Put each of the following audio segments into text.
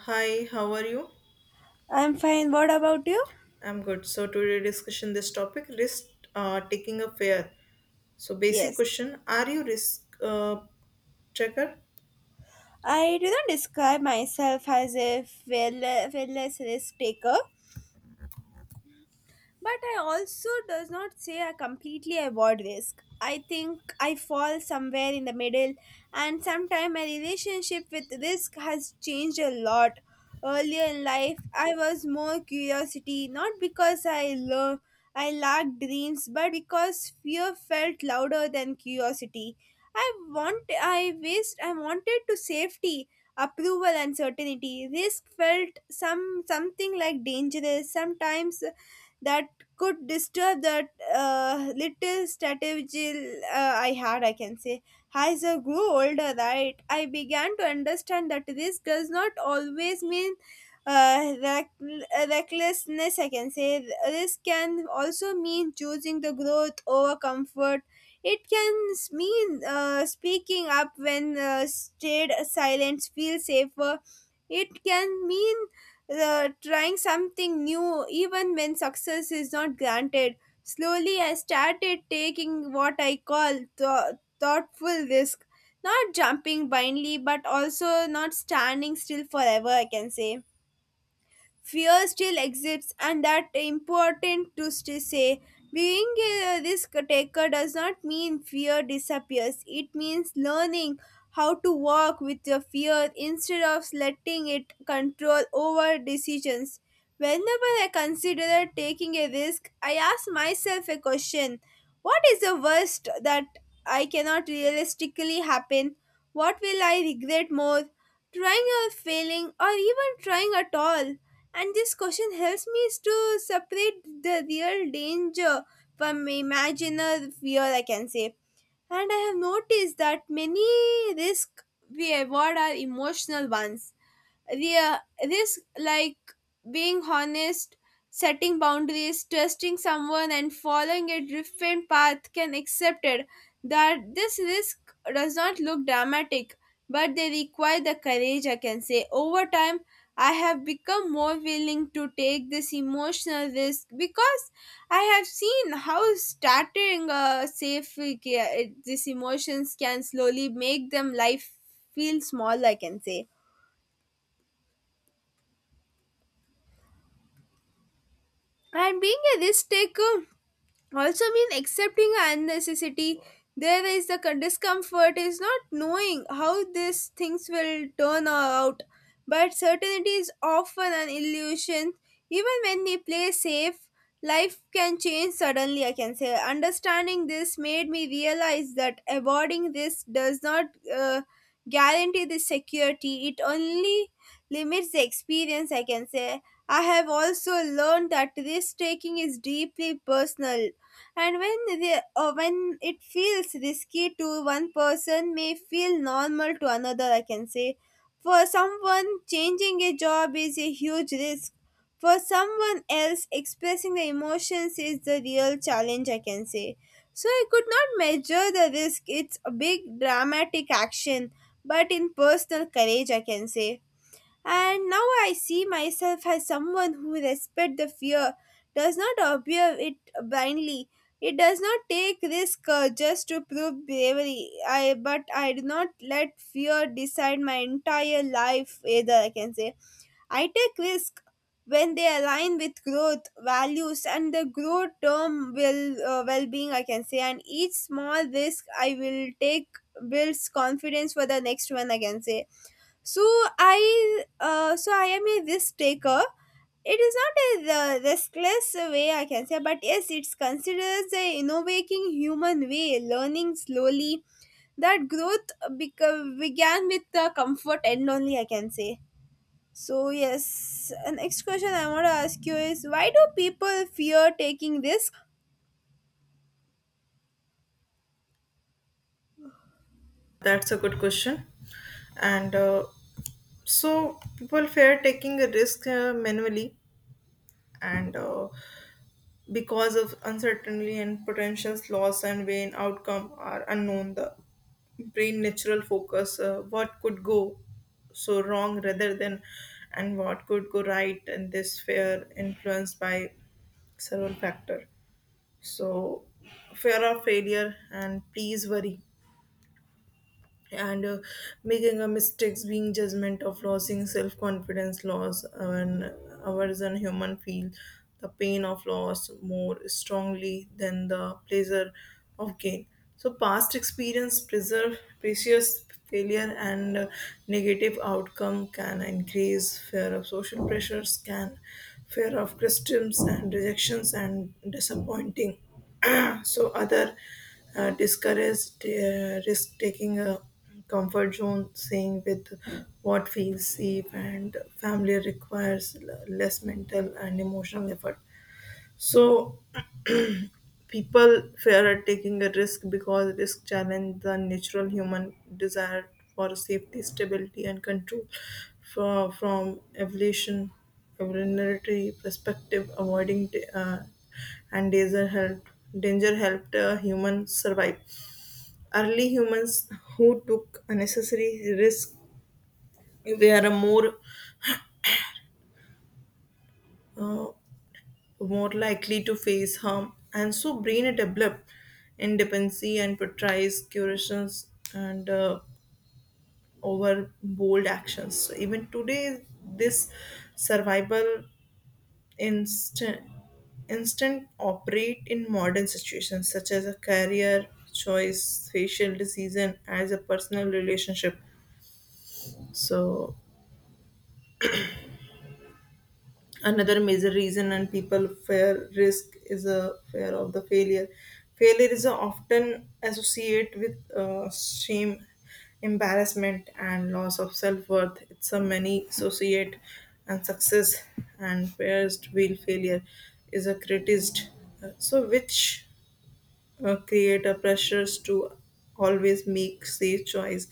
Hi, how are you? I'm fine. What about you? I'm good. So today discussion this topic risk taking a fair. So basic Yes. question: Are you risk checker? I do not describe myself as a fearless risk taker. But I also does not say I completely avoid risk. I think I fall somewhere in the middle, and sometimes my relationship with risk has changed a lot. Earlier in life, I was more curiosity, not because I lacked dreams, but because fear felt louder than curiosity. I want I wished I wanted to safety, approval, and certainty. Risk felt something like dangerous. Sometimes that could disturb that little strategy I had, I can say. As I grew older, right, I began to understand that this does not always mean uh, reck- recklessness, I can say. This can also mean choosing the growth over comfort. It can mean speaking up when stayed silence feels safer. It can mean trying something new even when success is not granted. Slowly, I started taking what I call thoughtful risk, not jumping blindly, but also not standing still forever, I can say. Fear still exists, and that important to say being a risk taker does not mean fear disappears. It means learning how to walk with your fear instead of letting it control over decisions. Whenever I consider taking a risk, I ask myself a question. What is the worst that I cannot realistically happen? What will I regret more, trying or failing or even trying at all? And this question helps me to separate the real danger from imaginary fear, I can say. And I have noticed that many risks we avoid are emotional ones, the this like being honest, setting boundaries, trusting someone, and following a different path can accepted that this risk does not look dramatic, but they require the courage, I can say. Over time, I have become more willing to take this emotional risk because I have seen how starting a safe these emotions can slowly make them life feel small, I can say. And being a risk taker also means accepting unnecessity. There is discomfort is not knowing how these things will turn out, but certainty is often an illusion. Even when we play safe, life can change suddenly. I can say understanding this made me realize that avoiding this does not uh, guarantee the security. It only limits the experience, I can say. I have also learned that risk taking is deeply personal, and when the, when it feels risky to one person, may feel normal to another. I can say, for someone, changing a job is a huge risk. For someone else, expressing the emotions is the real challenge, I can say. So I could not measure the risk. It's a big dramatic action, but in personal courage, I can say. And now I see myself as someone who respects the fear, does not obey it blindly. It does not take risk just to prove bravery. I but I do not let fear decide my entire life either. I can say I take risk when they align with growth values and the growth term will well-being. I can say and each small risk I will take builds confidence for the next one. I can say. So I am a risk taker. It is not a the riskless way, I can say, but yes, it's considered a innovating human way, learning slowly. That growth began with the comfort and only, I can say. So yes, next question I want to ask you is, why do people fear taking risk? That's a good question. And so people fear taking a risk manually and because of uncertainty and potential loss and vain outcome are unknown the brain natural focus what could go so wrong rather than and what could go right, and this fear influenced by several factor. So fear of failure and please worry and making a mistakes being judgment of losing self-confidence loss and ours and human feel the pain of loss more strongly than the pleasure of gain. So past experience preserve precious failure and negative outcome can increase fear of social pressures can fear of criticisms and rejections and disappointing so other discourage risk taking a comfort zone saying with what feels safe and family requires less mental and emotional effort. So people fear at taking a risk because risk challenge the natural human desire for safety, stability, and control. From evolutionary perspective, avoiding da- and danger helped danger helped humans survive. Early humans who took unnecessary risk were uh, more likely to face harm, and so brain develop independency and portrays curations and over bold actions. So even today, this survival instant instant operate in modern situations such as a career choice, facial decision, as a personal relationship. So another major reason and people fear risk is a fear of the failure. Failure is often associated with shame, embarrassment, and loss of self-worth. It's a many associate and success and fears to feel failure is a criticized, so which create a pressures to always make safe choice,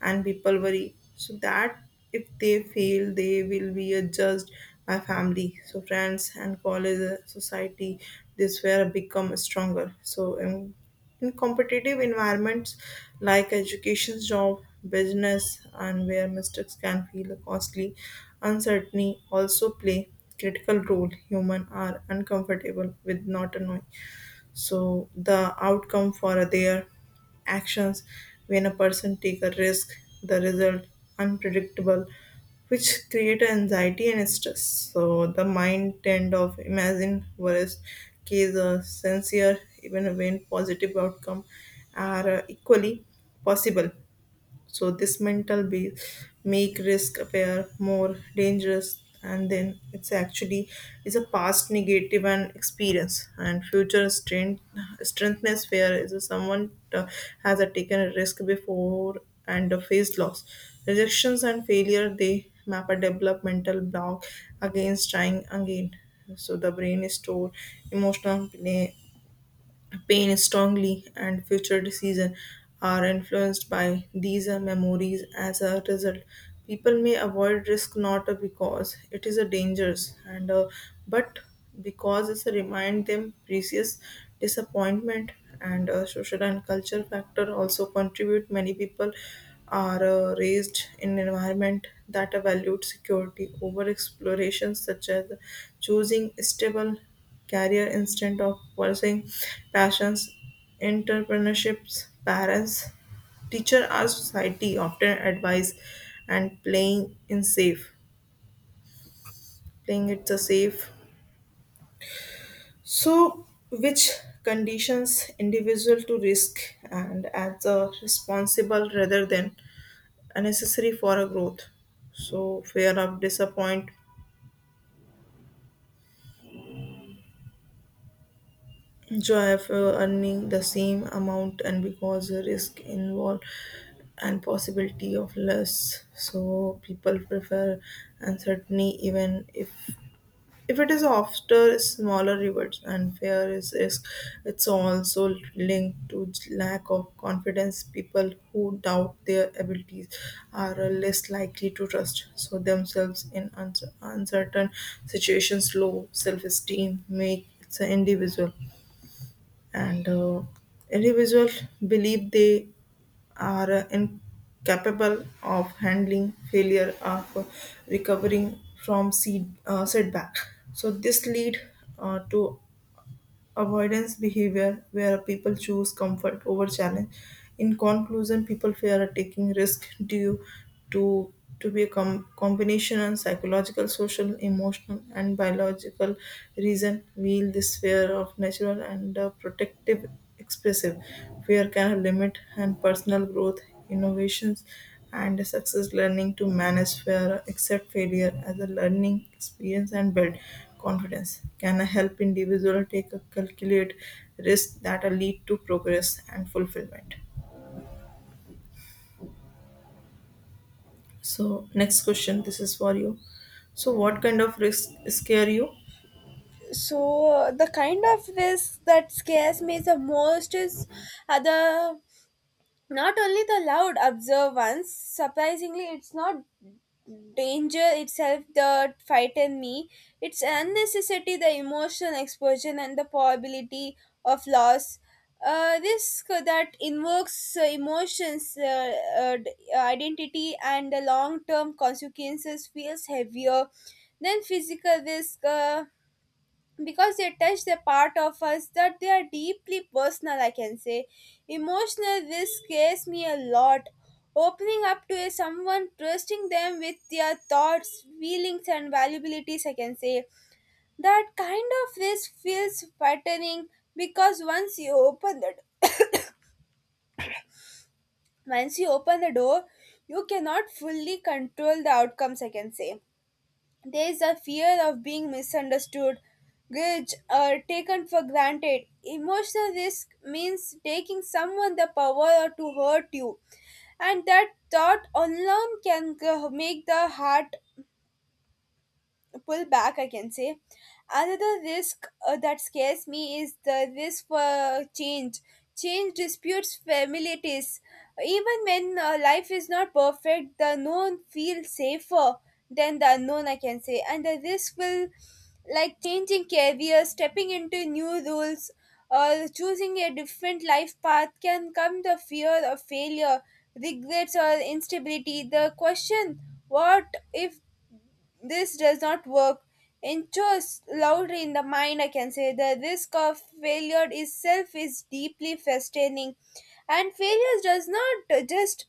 and people worry so that if they fail they will be judged by family, so friends and college, society. This where become stronger so in competitive environments like education, job, business, and where mistakes can feel costly. Uncertainty also play critical role. Human are uncomfortable with not knowing so the outcome for their actions. When a person take a risk, the result unpredictable, which create anxiety and stress. So the mind tend of imagine worst case sincere even when positive outcome are equally possible. So this mental base make risk appear more dangerous and then it's actually is a past negative and experience and future strength. Strengthness fear is a someone has a taken a risk before and faced loss, rejections, and failure, they map a developmental block against trying again. So the brain is stored emotional pain strongly, and future decisions are influenced by these memories. As a result, people may avoid risk not because it is a dangerous and but because it's a remind them previous disappointment. And social and culture factor also contribute. Many people are raised in an environment that valued security over exploration, such as choosing stable career instead of pursuing passions, entrepreneurships, parents, teacher or society often advise and playing in safe, playing it the safe. So which conditions individual to risk and as a responsible rather than unnecessary for a growth. So fear of disappointment. So after earning the same amount, and because the risk involved and possibility of less, so people prefer uncertainty even if it is after smaller rewards and fear is risk. It's also linked to lack of confidence. People who doubt their abilities are less likely to trust so themselves in uncertain situations. Low self-esteem make it's an individual and individuals believe they are incapable of handling failure of recovering from seed, setback. So this lead to avoidance behavior where people choose comfort over challenge. In conclusion, people fear taking risk due to to be a combination of psychological, social, emotional, and biological reason wield this fear of natural and protective expressive. Fear can limit and personal growth, innovations, and success. Learning to manage fear, accept failure as a learning experience, and build confidence can help individual take a calculate risk that will lead to progress and fulfillment. So next question, this is for you. So what kind of risk scare you? So the kind of risk that scares me the most is other. Not only the loud observance, surprisingly, it's not danger itself that frightened me. It's unnecessary, the emotional exposure, and the probability of loss. Risk that invokes emotions, identity, and the long term consequences feels heavier than physical risk. Because they touch the part of us that they are deeply personal, I can say. Emotional this scares me a lot, opening up to a someone, trusting them with their thoughts, feelings, and valuabilities, I can say. That kind of risk feels frightening because once you open the door, you cannot fully control the outcomes, I can say. There is a fear of being misunderstood, judged, or taken for granted. Emotional risk means taking someone the power to hurt you, and that thought alone can make the heart pull back, I can say. Another risk that scares me is the risk for change. Change disputes familiarities. Even when life is not perfect, the known feels safer than the unknown, I can say. And the risk will like changing careers, stepping into new roles, or choosing a different life path can come the fear of failure, regrets, or instability. The question, what if this does not work, echoes loudly in the mind, I can say. The risk of failure itself is deeply frustrating, and failure does not just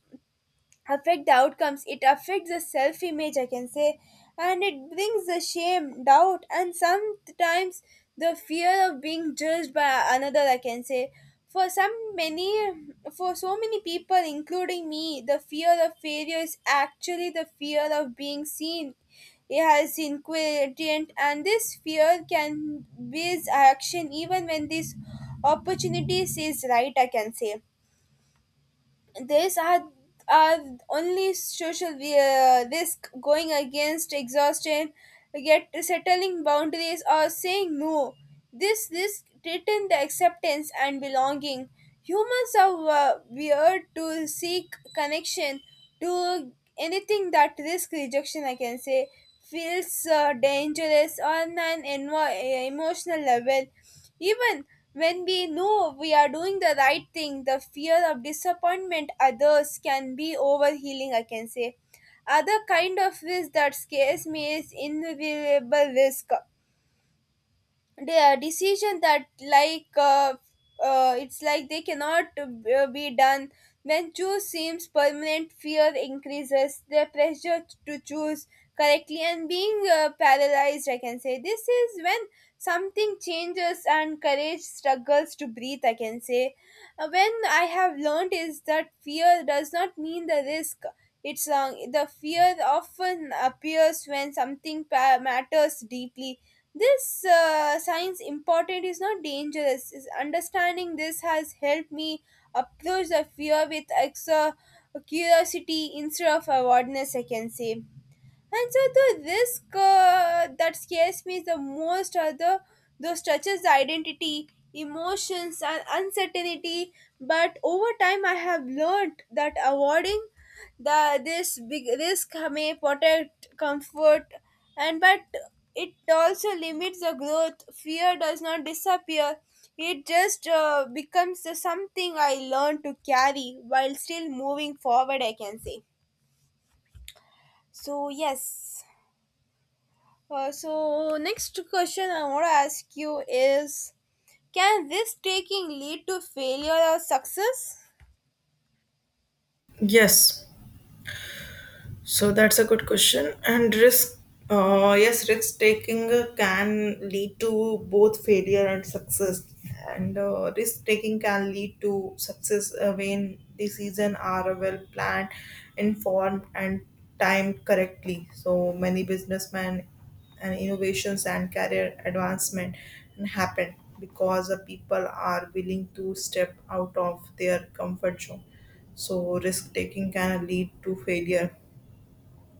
affect the outcomes, it affects the self image, I can say. And it brings the shame, doubt, and sometimes the fear of being judged by another, I can say. For some many for so many people including me, the fear of failure is actually the fear of being seen. It has inquirient, and this fear can base action even when this opportunity is right, I can say. These are only social risk going against exhaustion, yet settling boundaries or saying no, this risk threaten the acceptance and belonging. Humans are weird to seek connection to anything that risk rejection, I can say, feels dangerous on an emotional level. Even when we know we are doing the right thing, the fear of disappointment others can be overhealing, I can say. Other kind of risk that scares me is invisible risk, the decision that it's like they cannot be done. When choose seems permanent, fear increases the pressure to choose correctly and being paralyzed, I can say. This is when something changes and courage struggles to breathe, I can say. When I have learned is that fear does not mean the risk it's wrong. The fear often appears when something matters deeply. This science important is not dangerous is understanding. This has helped me approach the fear with extra curiosity instead of awareness, I can say. And so the risk that scares me the most are the those touches identity, emotions, and uncertainty. But over time, I have learned that avoiding the this big risk may protect comfort, and but it also limits the growth. Fear does not disappear; it just becomes something I learn to carry while still moving forward, I can say. So, yes. So next question I want to ask you is, can risk taking lead to failure or success? Yes, so that's a good question. And risk, yes, risk taking can lead to both failure and success. And risk taking can lead to success when decisions are well planned, informed, and timed correctly. So many businessmen and innovations and career advancement and happen because the people are willing to step out of their comfort zone. So risk taking can lead to failure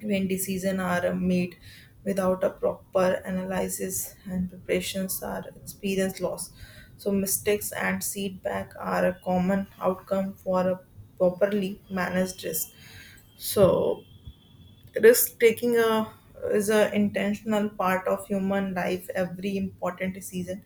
when decisions are made without a proper analysis and preparations are experience loss. So mistakes and setback are a common outcome for a properly managed risk. So risk taking a, is an intentional part of human life. Every important decision,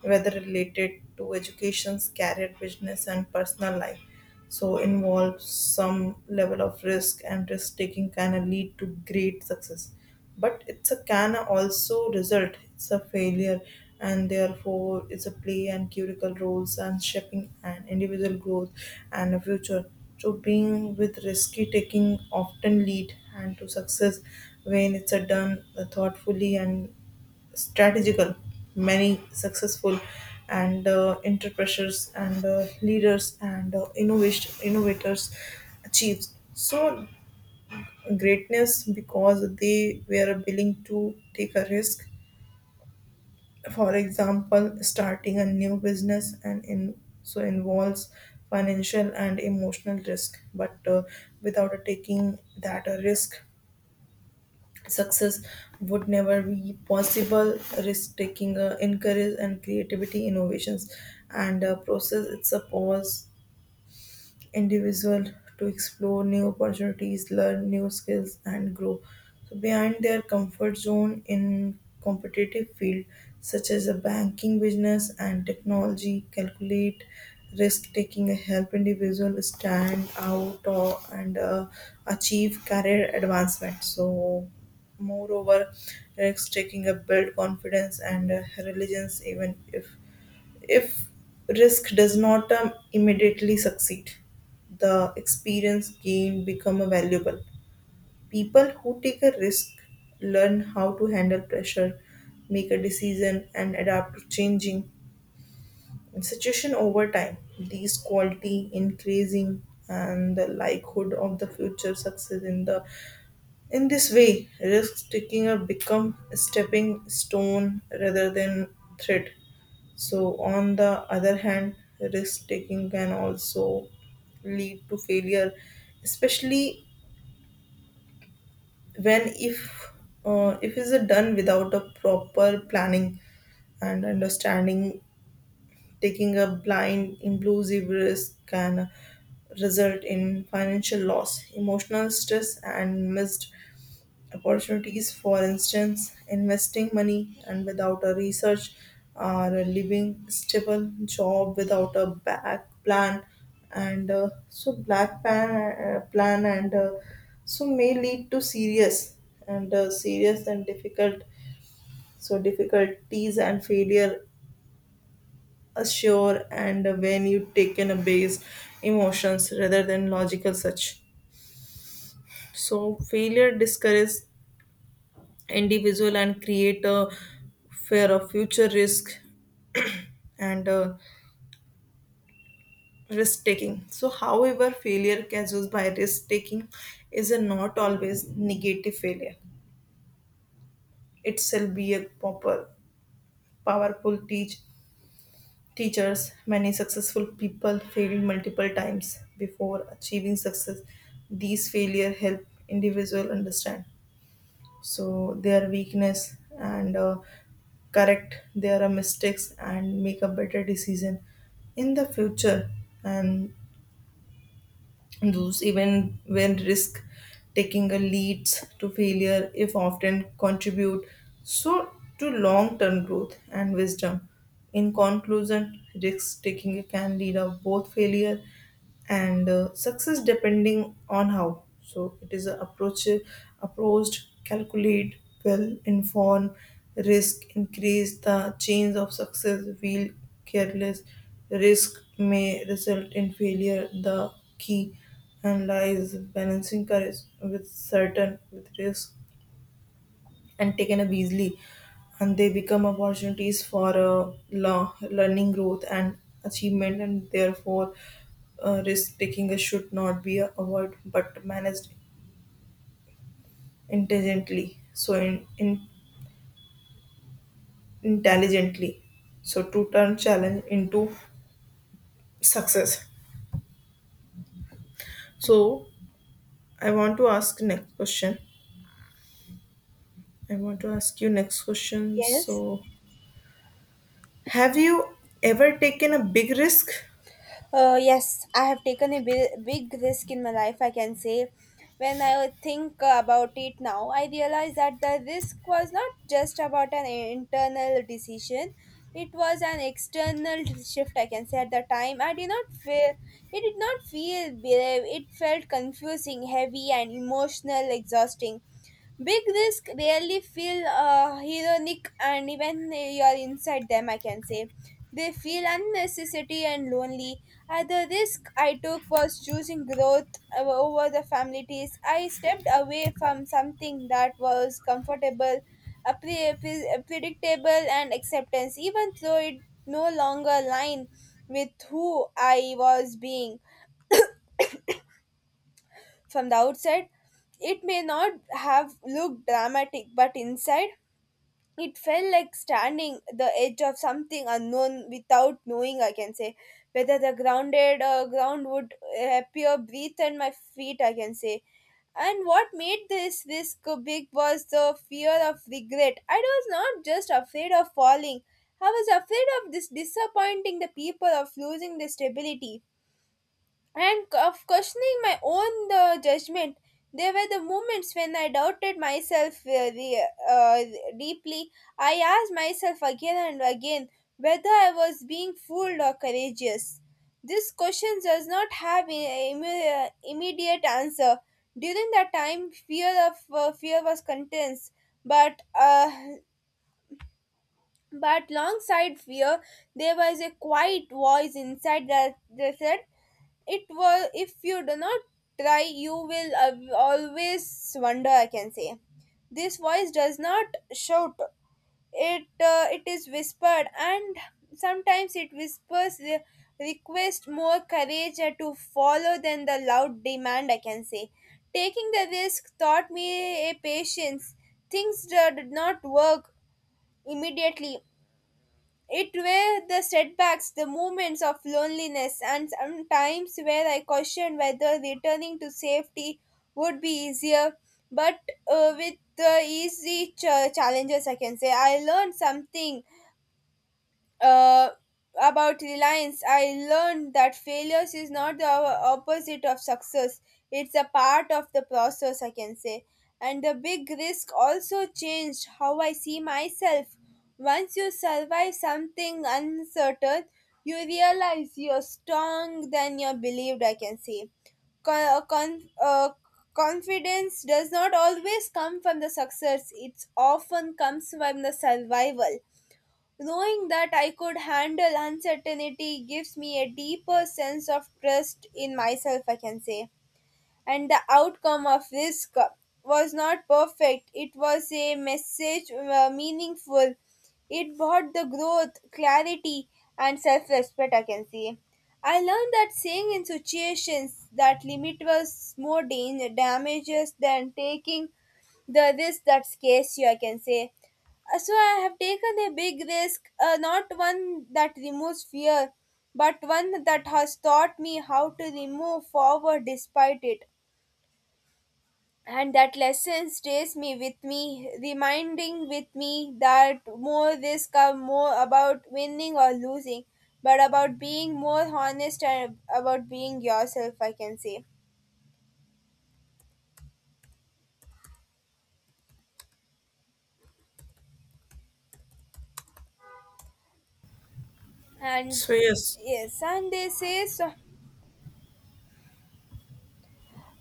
whether related to education, career, business, and personal life, so involves some level of risk, and risk taking can lead to great success, but it's a can also result it's a failure, and therefore it's a play and critical roles and shaping and individual growth and a future. So being with risky taking often lead and to success when it's a done thoughtfully and strategical. Many successful and entrepreneurs and leaders and innovation innovators achieves so greatness because they were willing to take a risk. For example, starting a new business and so involves financial and emotional risk. But without taking that a risk, success would never be possible. Risk taking encourage and creativity, innovations and process. It's a pause individual to explore new opportunities, learn new skills, and grow so beyond their comfort zone in competitive field such as a banking, business, and technology. Calculate risk taking a help individual stand out and achieve career advancement. So moreover risk taking a build confidence and religions even if risk does not immediately succeed, the experience gained become valuable. People who take a risk learn how to handle pressure, make a decision, and adapt to changing situation over time. These quality increasing and the likelihood of the future success in this way risk taking have become a stepping stone rather than threat. So, on the other hand, risk taking can also lead to failure, especially when if is done without a proper planning and understanding. Taking a blind, impulsive risk can result in financial loss, emotional stress, and missed opportunities. For instance, investing money and without a research or a living stable job without a back plan and so black pan, plan and so may lead to serious and serious and difficult so difficulties and failure assure, and when you take in a base emotions rather than logical such so failure discourages individual and create a fear of future risk and risk taking. So, however, failure caused by risk taking is a not always negative failure. It shall be a proper, powerful teachers. Many successful people failed multiple times before achieving success. These failure help individual understand so their weakness and correct their mistakes and make a better decision in the future, and those even when risk taking a leads to failure if often contribute so to long term growth and wisdom. In conclusion, risk taking can lead to both failure and success depending on how so it is a approached. Calculate well inform risk increase the change of success, feel careless risk may result in failure. The key and lies balancing courage with certain with risk and taken up easily, and they become opportunities for learning, growth, and achievement, and therefore risk taking should not be avoided but managed intelligently so in intelligently so to turn challenge into success. So I want to ask next question. I want to ask you next question Yes. so have you ever taken a big risk. Yes, I have taken a big risk in my life, I can say. When I think about it now, I realize that the risk was not just about an internal decision, it was an external shift, I can say. At the time, I did not feel, it did not feel brave, it felt confusing, heavy, and emotional, exhausting. Big risk really feel heroic, and even you're inside them, I can say. They feel unnecessary and lonely. The risk I took was choosing growth over the families. I stepped away from something that was comfortable, predictable, and acceptance, even though it no longer aligned with who I was being. From the outside, it may not have looked dramatic, but inside, it felt like standing the edge of something unknown without knowing, I can say, whether the grounded ground would appear breathe at my feet, I can say. And what made this risk big was the fear of regret. I was not just afraid of falling, I was afraid of this disappointing the people, of losing the stability, and of questioning my own judgment. There were the moments when I doubted myself deeply. I asked myself again and again whether I was being fooled or courageous. This question does not have immediate answer. During that time, fear was intense, but uh, but alongside fear, there was a quiet voice inside that said, "It was if you do not try, you will always wonder." I can say, this voice does not shout. It it is whispered, and sometimes it whispers request more courage to follow than the loud demand, I can say. Taking the risk taught me a patience. Things did not work immediately. It were the setbacks, the moments of loneliness, and sometimes where I questioned whether returning to safety would be easier. But with the easy challenges, I can say I learned something uh, about reliance. I learned that failures is not the opposite of success. It's a part of the process, I can say. And the big risk also changed how I see myself. Once you survive something uncertain, you realize you're strong than you believed, I can say. Con- con- uh, Confidence does not always come from the success, it often comes from the survival. Knowing that I could handle uncertainty gives me a deeper sense of trust in myself, I can say. And the outcome of risk was not perfect, it was a message meaningful. It brought the growth, clarity, and self respect, I can say. I learned that saying in situations that limit was more damages than taking the risk that scares you, I can say. So I have taken a big risk, not one that removes fear, but one that has taught me how to remove forward despite it. And that lesson stays me with me, reminding with me that more risk are more about winning or losing, but about being more honest and about being yourself, I can say. And So yes, yes, and they say so.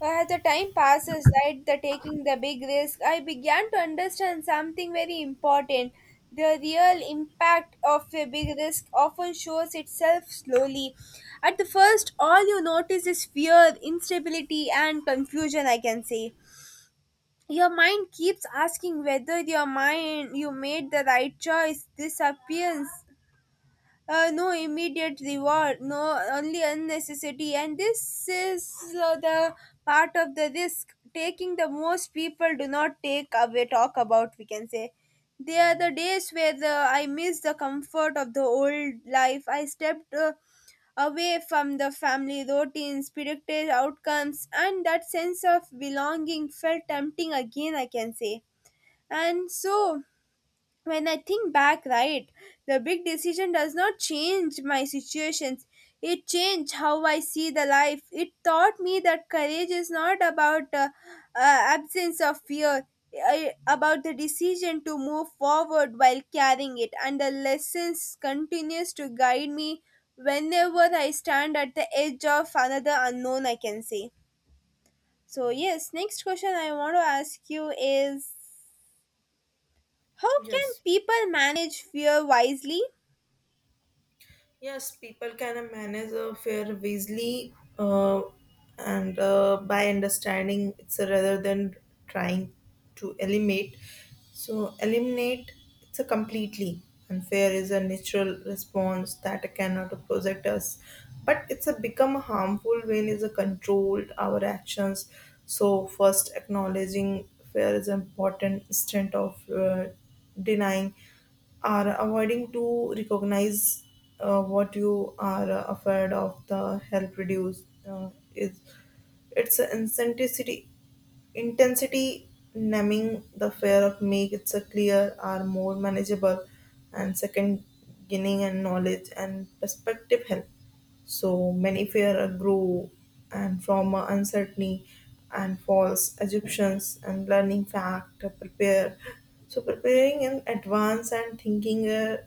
As the time passes, right, the taking the big risk, I began to understand something very important. The real impact of a big risk often shows itself slowly. At the first, all you notice is fear, instability, and confusion, I can say. Your mind keeps asking whether you made the right choice. This appearance no immediate reward, no only unnecessary, and this is the part of the risk taking the most people do not take away talk about. We can say they are the days where the, I miss the comfort of the old life. I stepped away from the family routines, predicted outcomes, and that sense of belonging felt tempting again, I can say. And so when I think back, right, the big decision does not change my situations. It changed how I see the life. It taught me that courage is not about absence of fear, I, about the decision to move forward while carrying it. And the lessons continues to guide me whenever I stand at the edge of another unknown, I can say. So yes, next question I want to ask you is, how can yes. people manage fear wisely? Yes, people can manage a fair wisely, and by understanding it's a rather than trying to eliminate. So, eliminate it's a completely unfair is a natural response that cannot protect us, but it's a become harmful when is a controlled our actions. So, first acknowledging fair is an important instead of denying are avoiding to recognize what you are afraid of the help reduce is its intensity. Intensity numbing the fear of makes it so clear are more manageable, and second, gaining and knowledge and perspective help. So many fear are grow and from a uncertainty and false assumptions and learning fact to prepare. So preparing in advance and thinking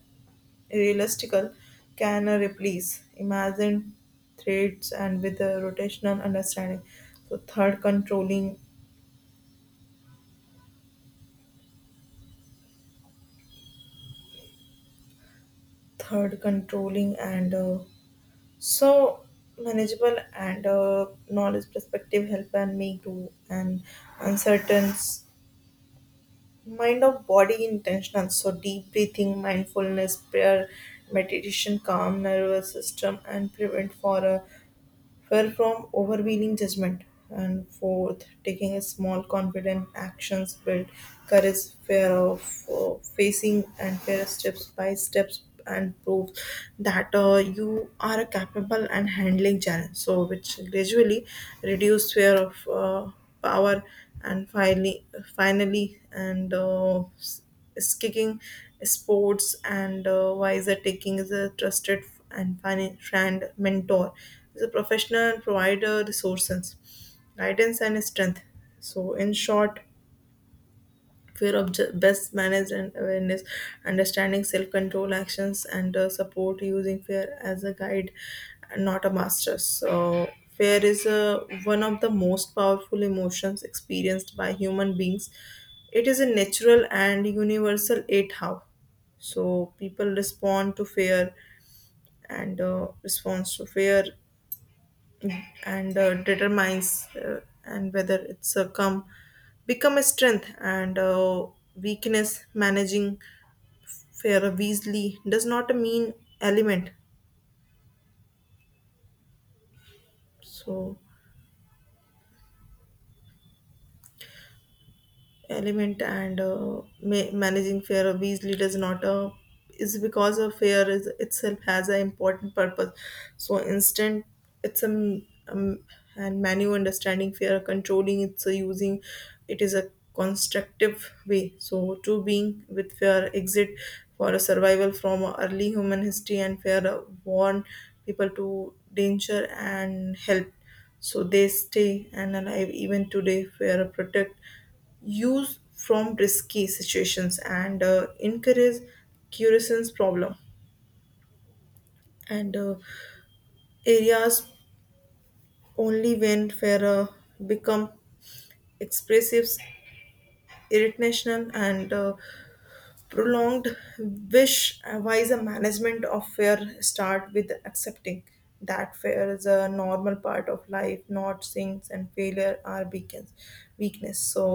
realistical can replace imagine threads and with a rotational understanding. So third controlling and so manageable and knowledge perspective help and me grow and uncertain mind of body intentional, so deep breathing, mindfulness, prayer, meditation calm nervous system and prevent for a fear from overwhelming judgment, and fourth, taking a small, confident actions build courage, fear of facing, and fear steps by steps and prove that you are capable and handling challenge, so which gradually reduce fear of power, and finally, finally, and skiing, sports, and wiser taking is a trusted and friend mentor. Is a professional and provider resources, guidance, and strength. So, in short, fear of best managed and awareness, understanding, self-control, actions, and support, using fear as a guide and not a master. So fear is one of the most powerful emotions experienced by human beings. It is a natural and universal. It how so people respond to fear and response to fear and determines and whether it's a come become a strength and weakness. Managing fair wisely does not mean element, so element and managing fear of these leaders not a is because of fear is itself has an important purpose. So instant, it's a m- and manual understanding fear, controlling it's a using, it is a constructive way. So to being with fear exit for a survival. From early human history, and fear warn people to danger and help so they stay and alive. Even today fear protect use from risky situations and encourage curious problem and areas only when where become expressive, irritational, and prolonged wish. Wise a management of fear start with accepting that fear is a normal part of life, not sins and failure are beacons weakness. So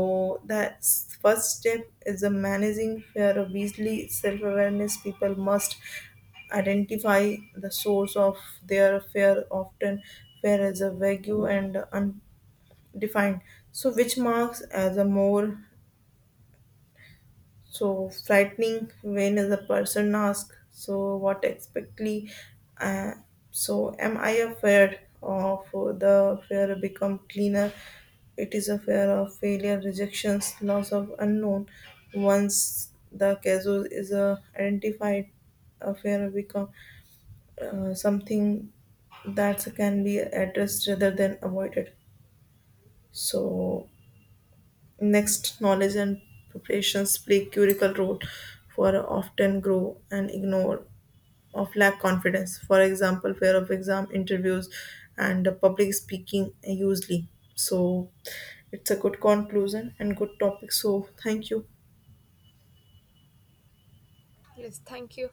the first step is a managing fear obviously self-awareness. People must identify the source of their fear. Often fear is a vague and undefined so which marks as a more so frightening when the person asks, so what exactly? Uh, so am I afraid of the fear become cleaner? It is a fear of failure, rejections, loss of unknown. Once the casus is identified, a fear become something that can be addressed rather than avoided. So next, knowledge and preparations play critical role for often grow and ignore of lack confidence. For example, fear of exam interviews and public speaking usually. So it's a good conclusion and good topic. So thank you. Thank you.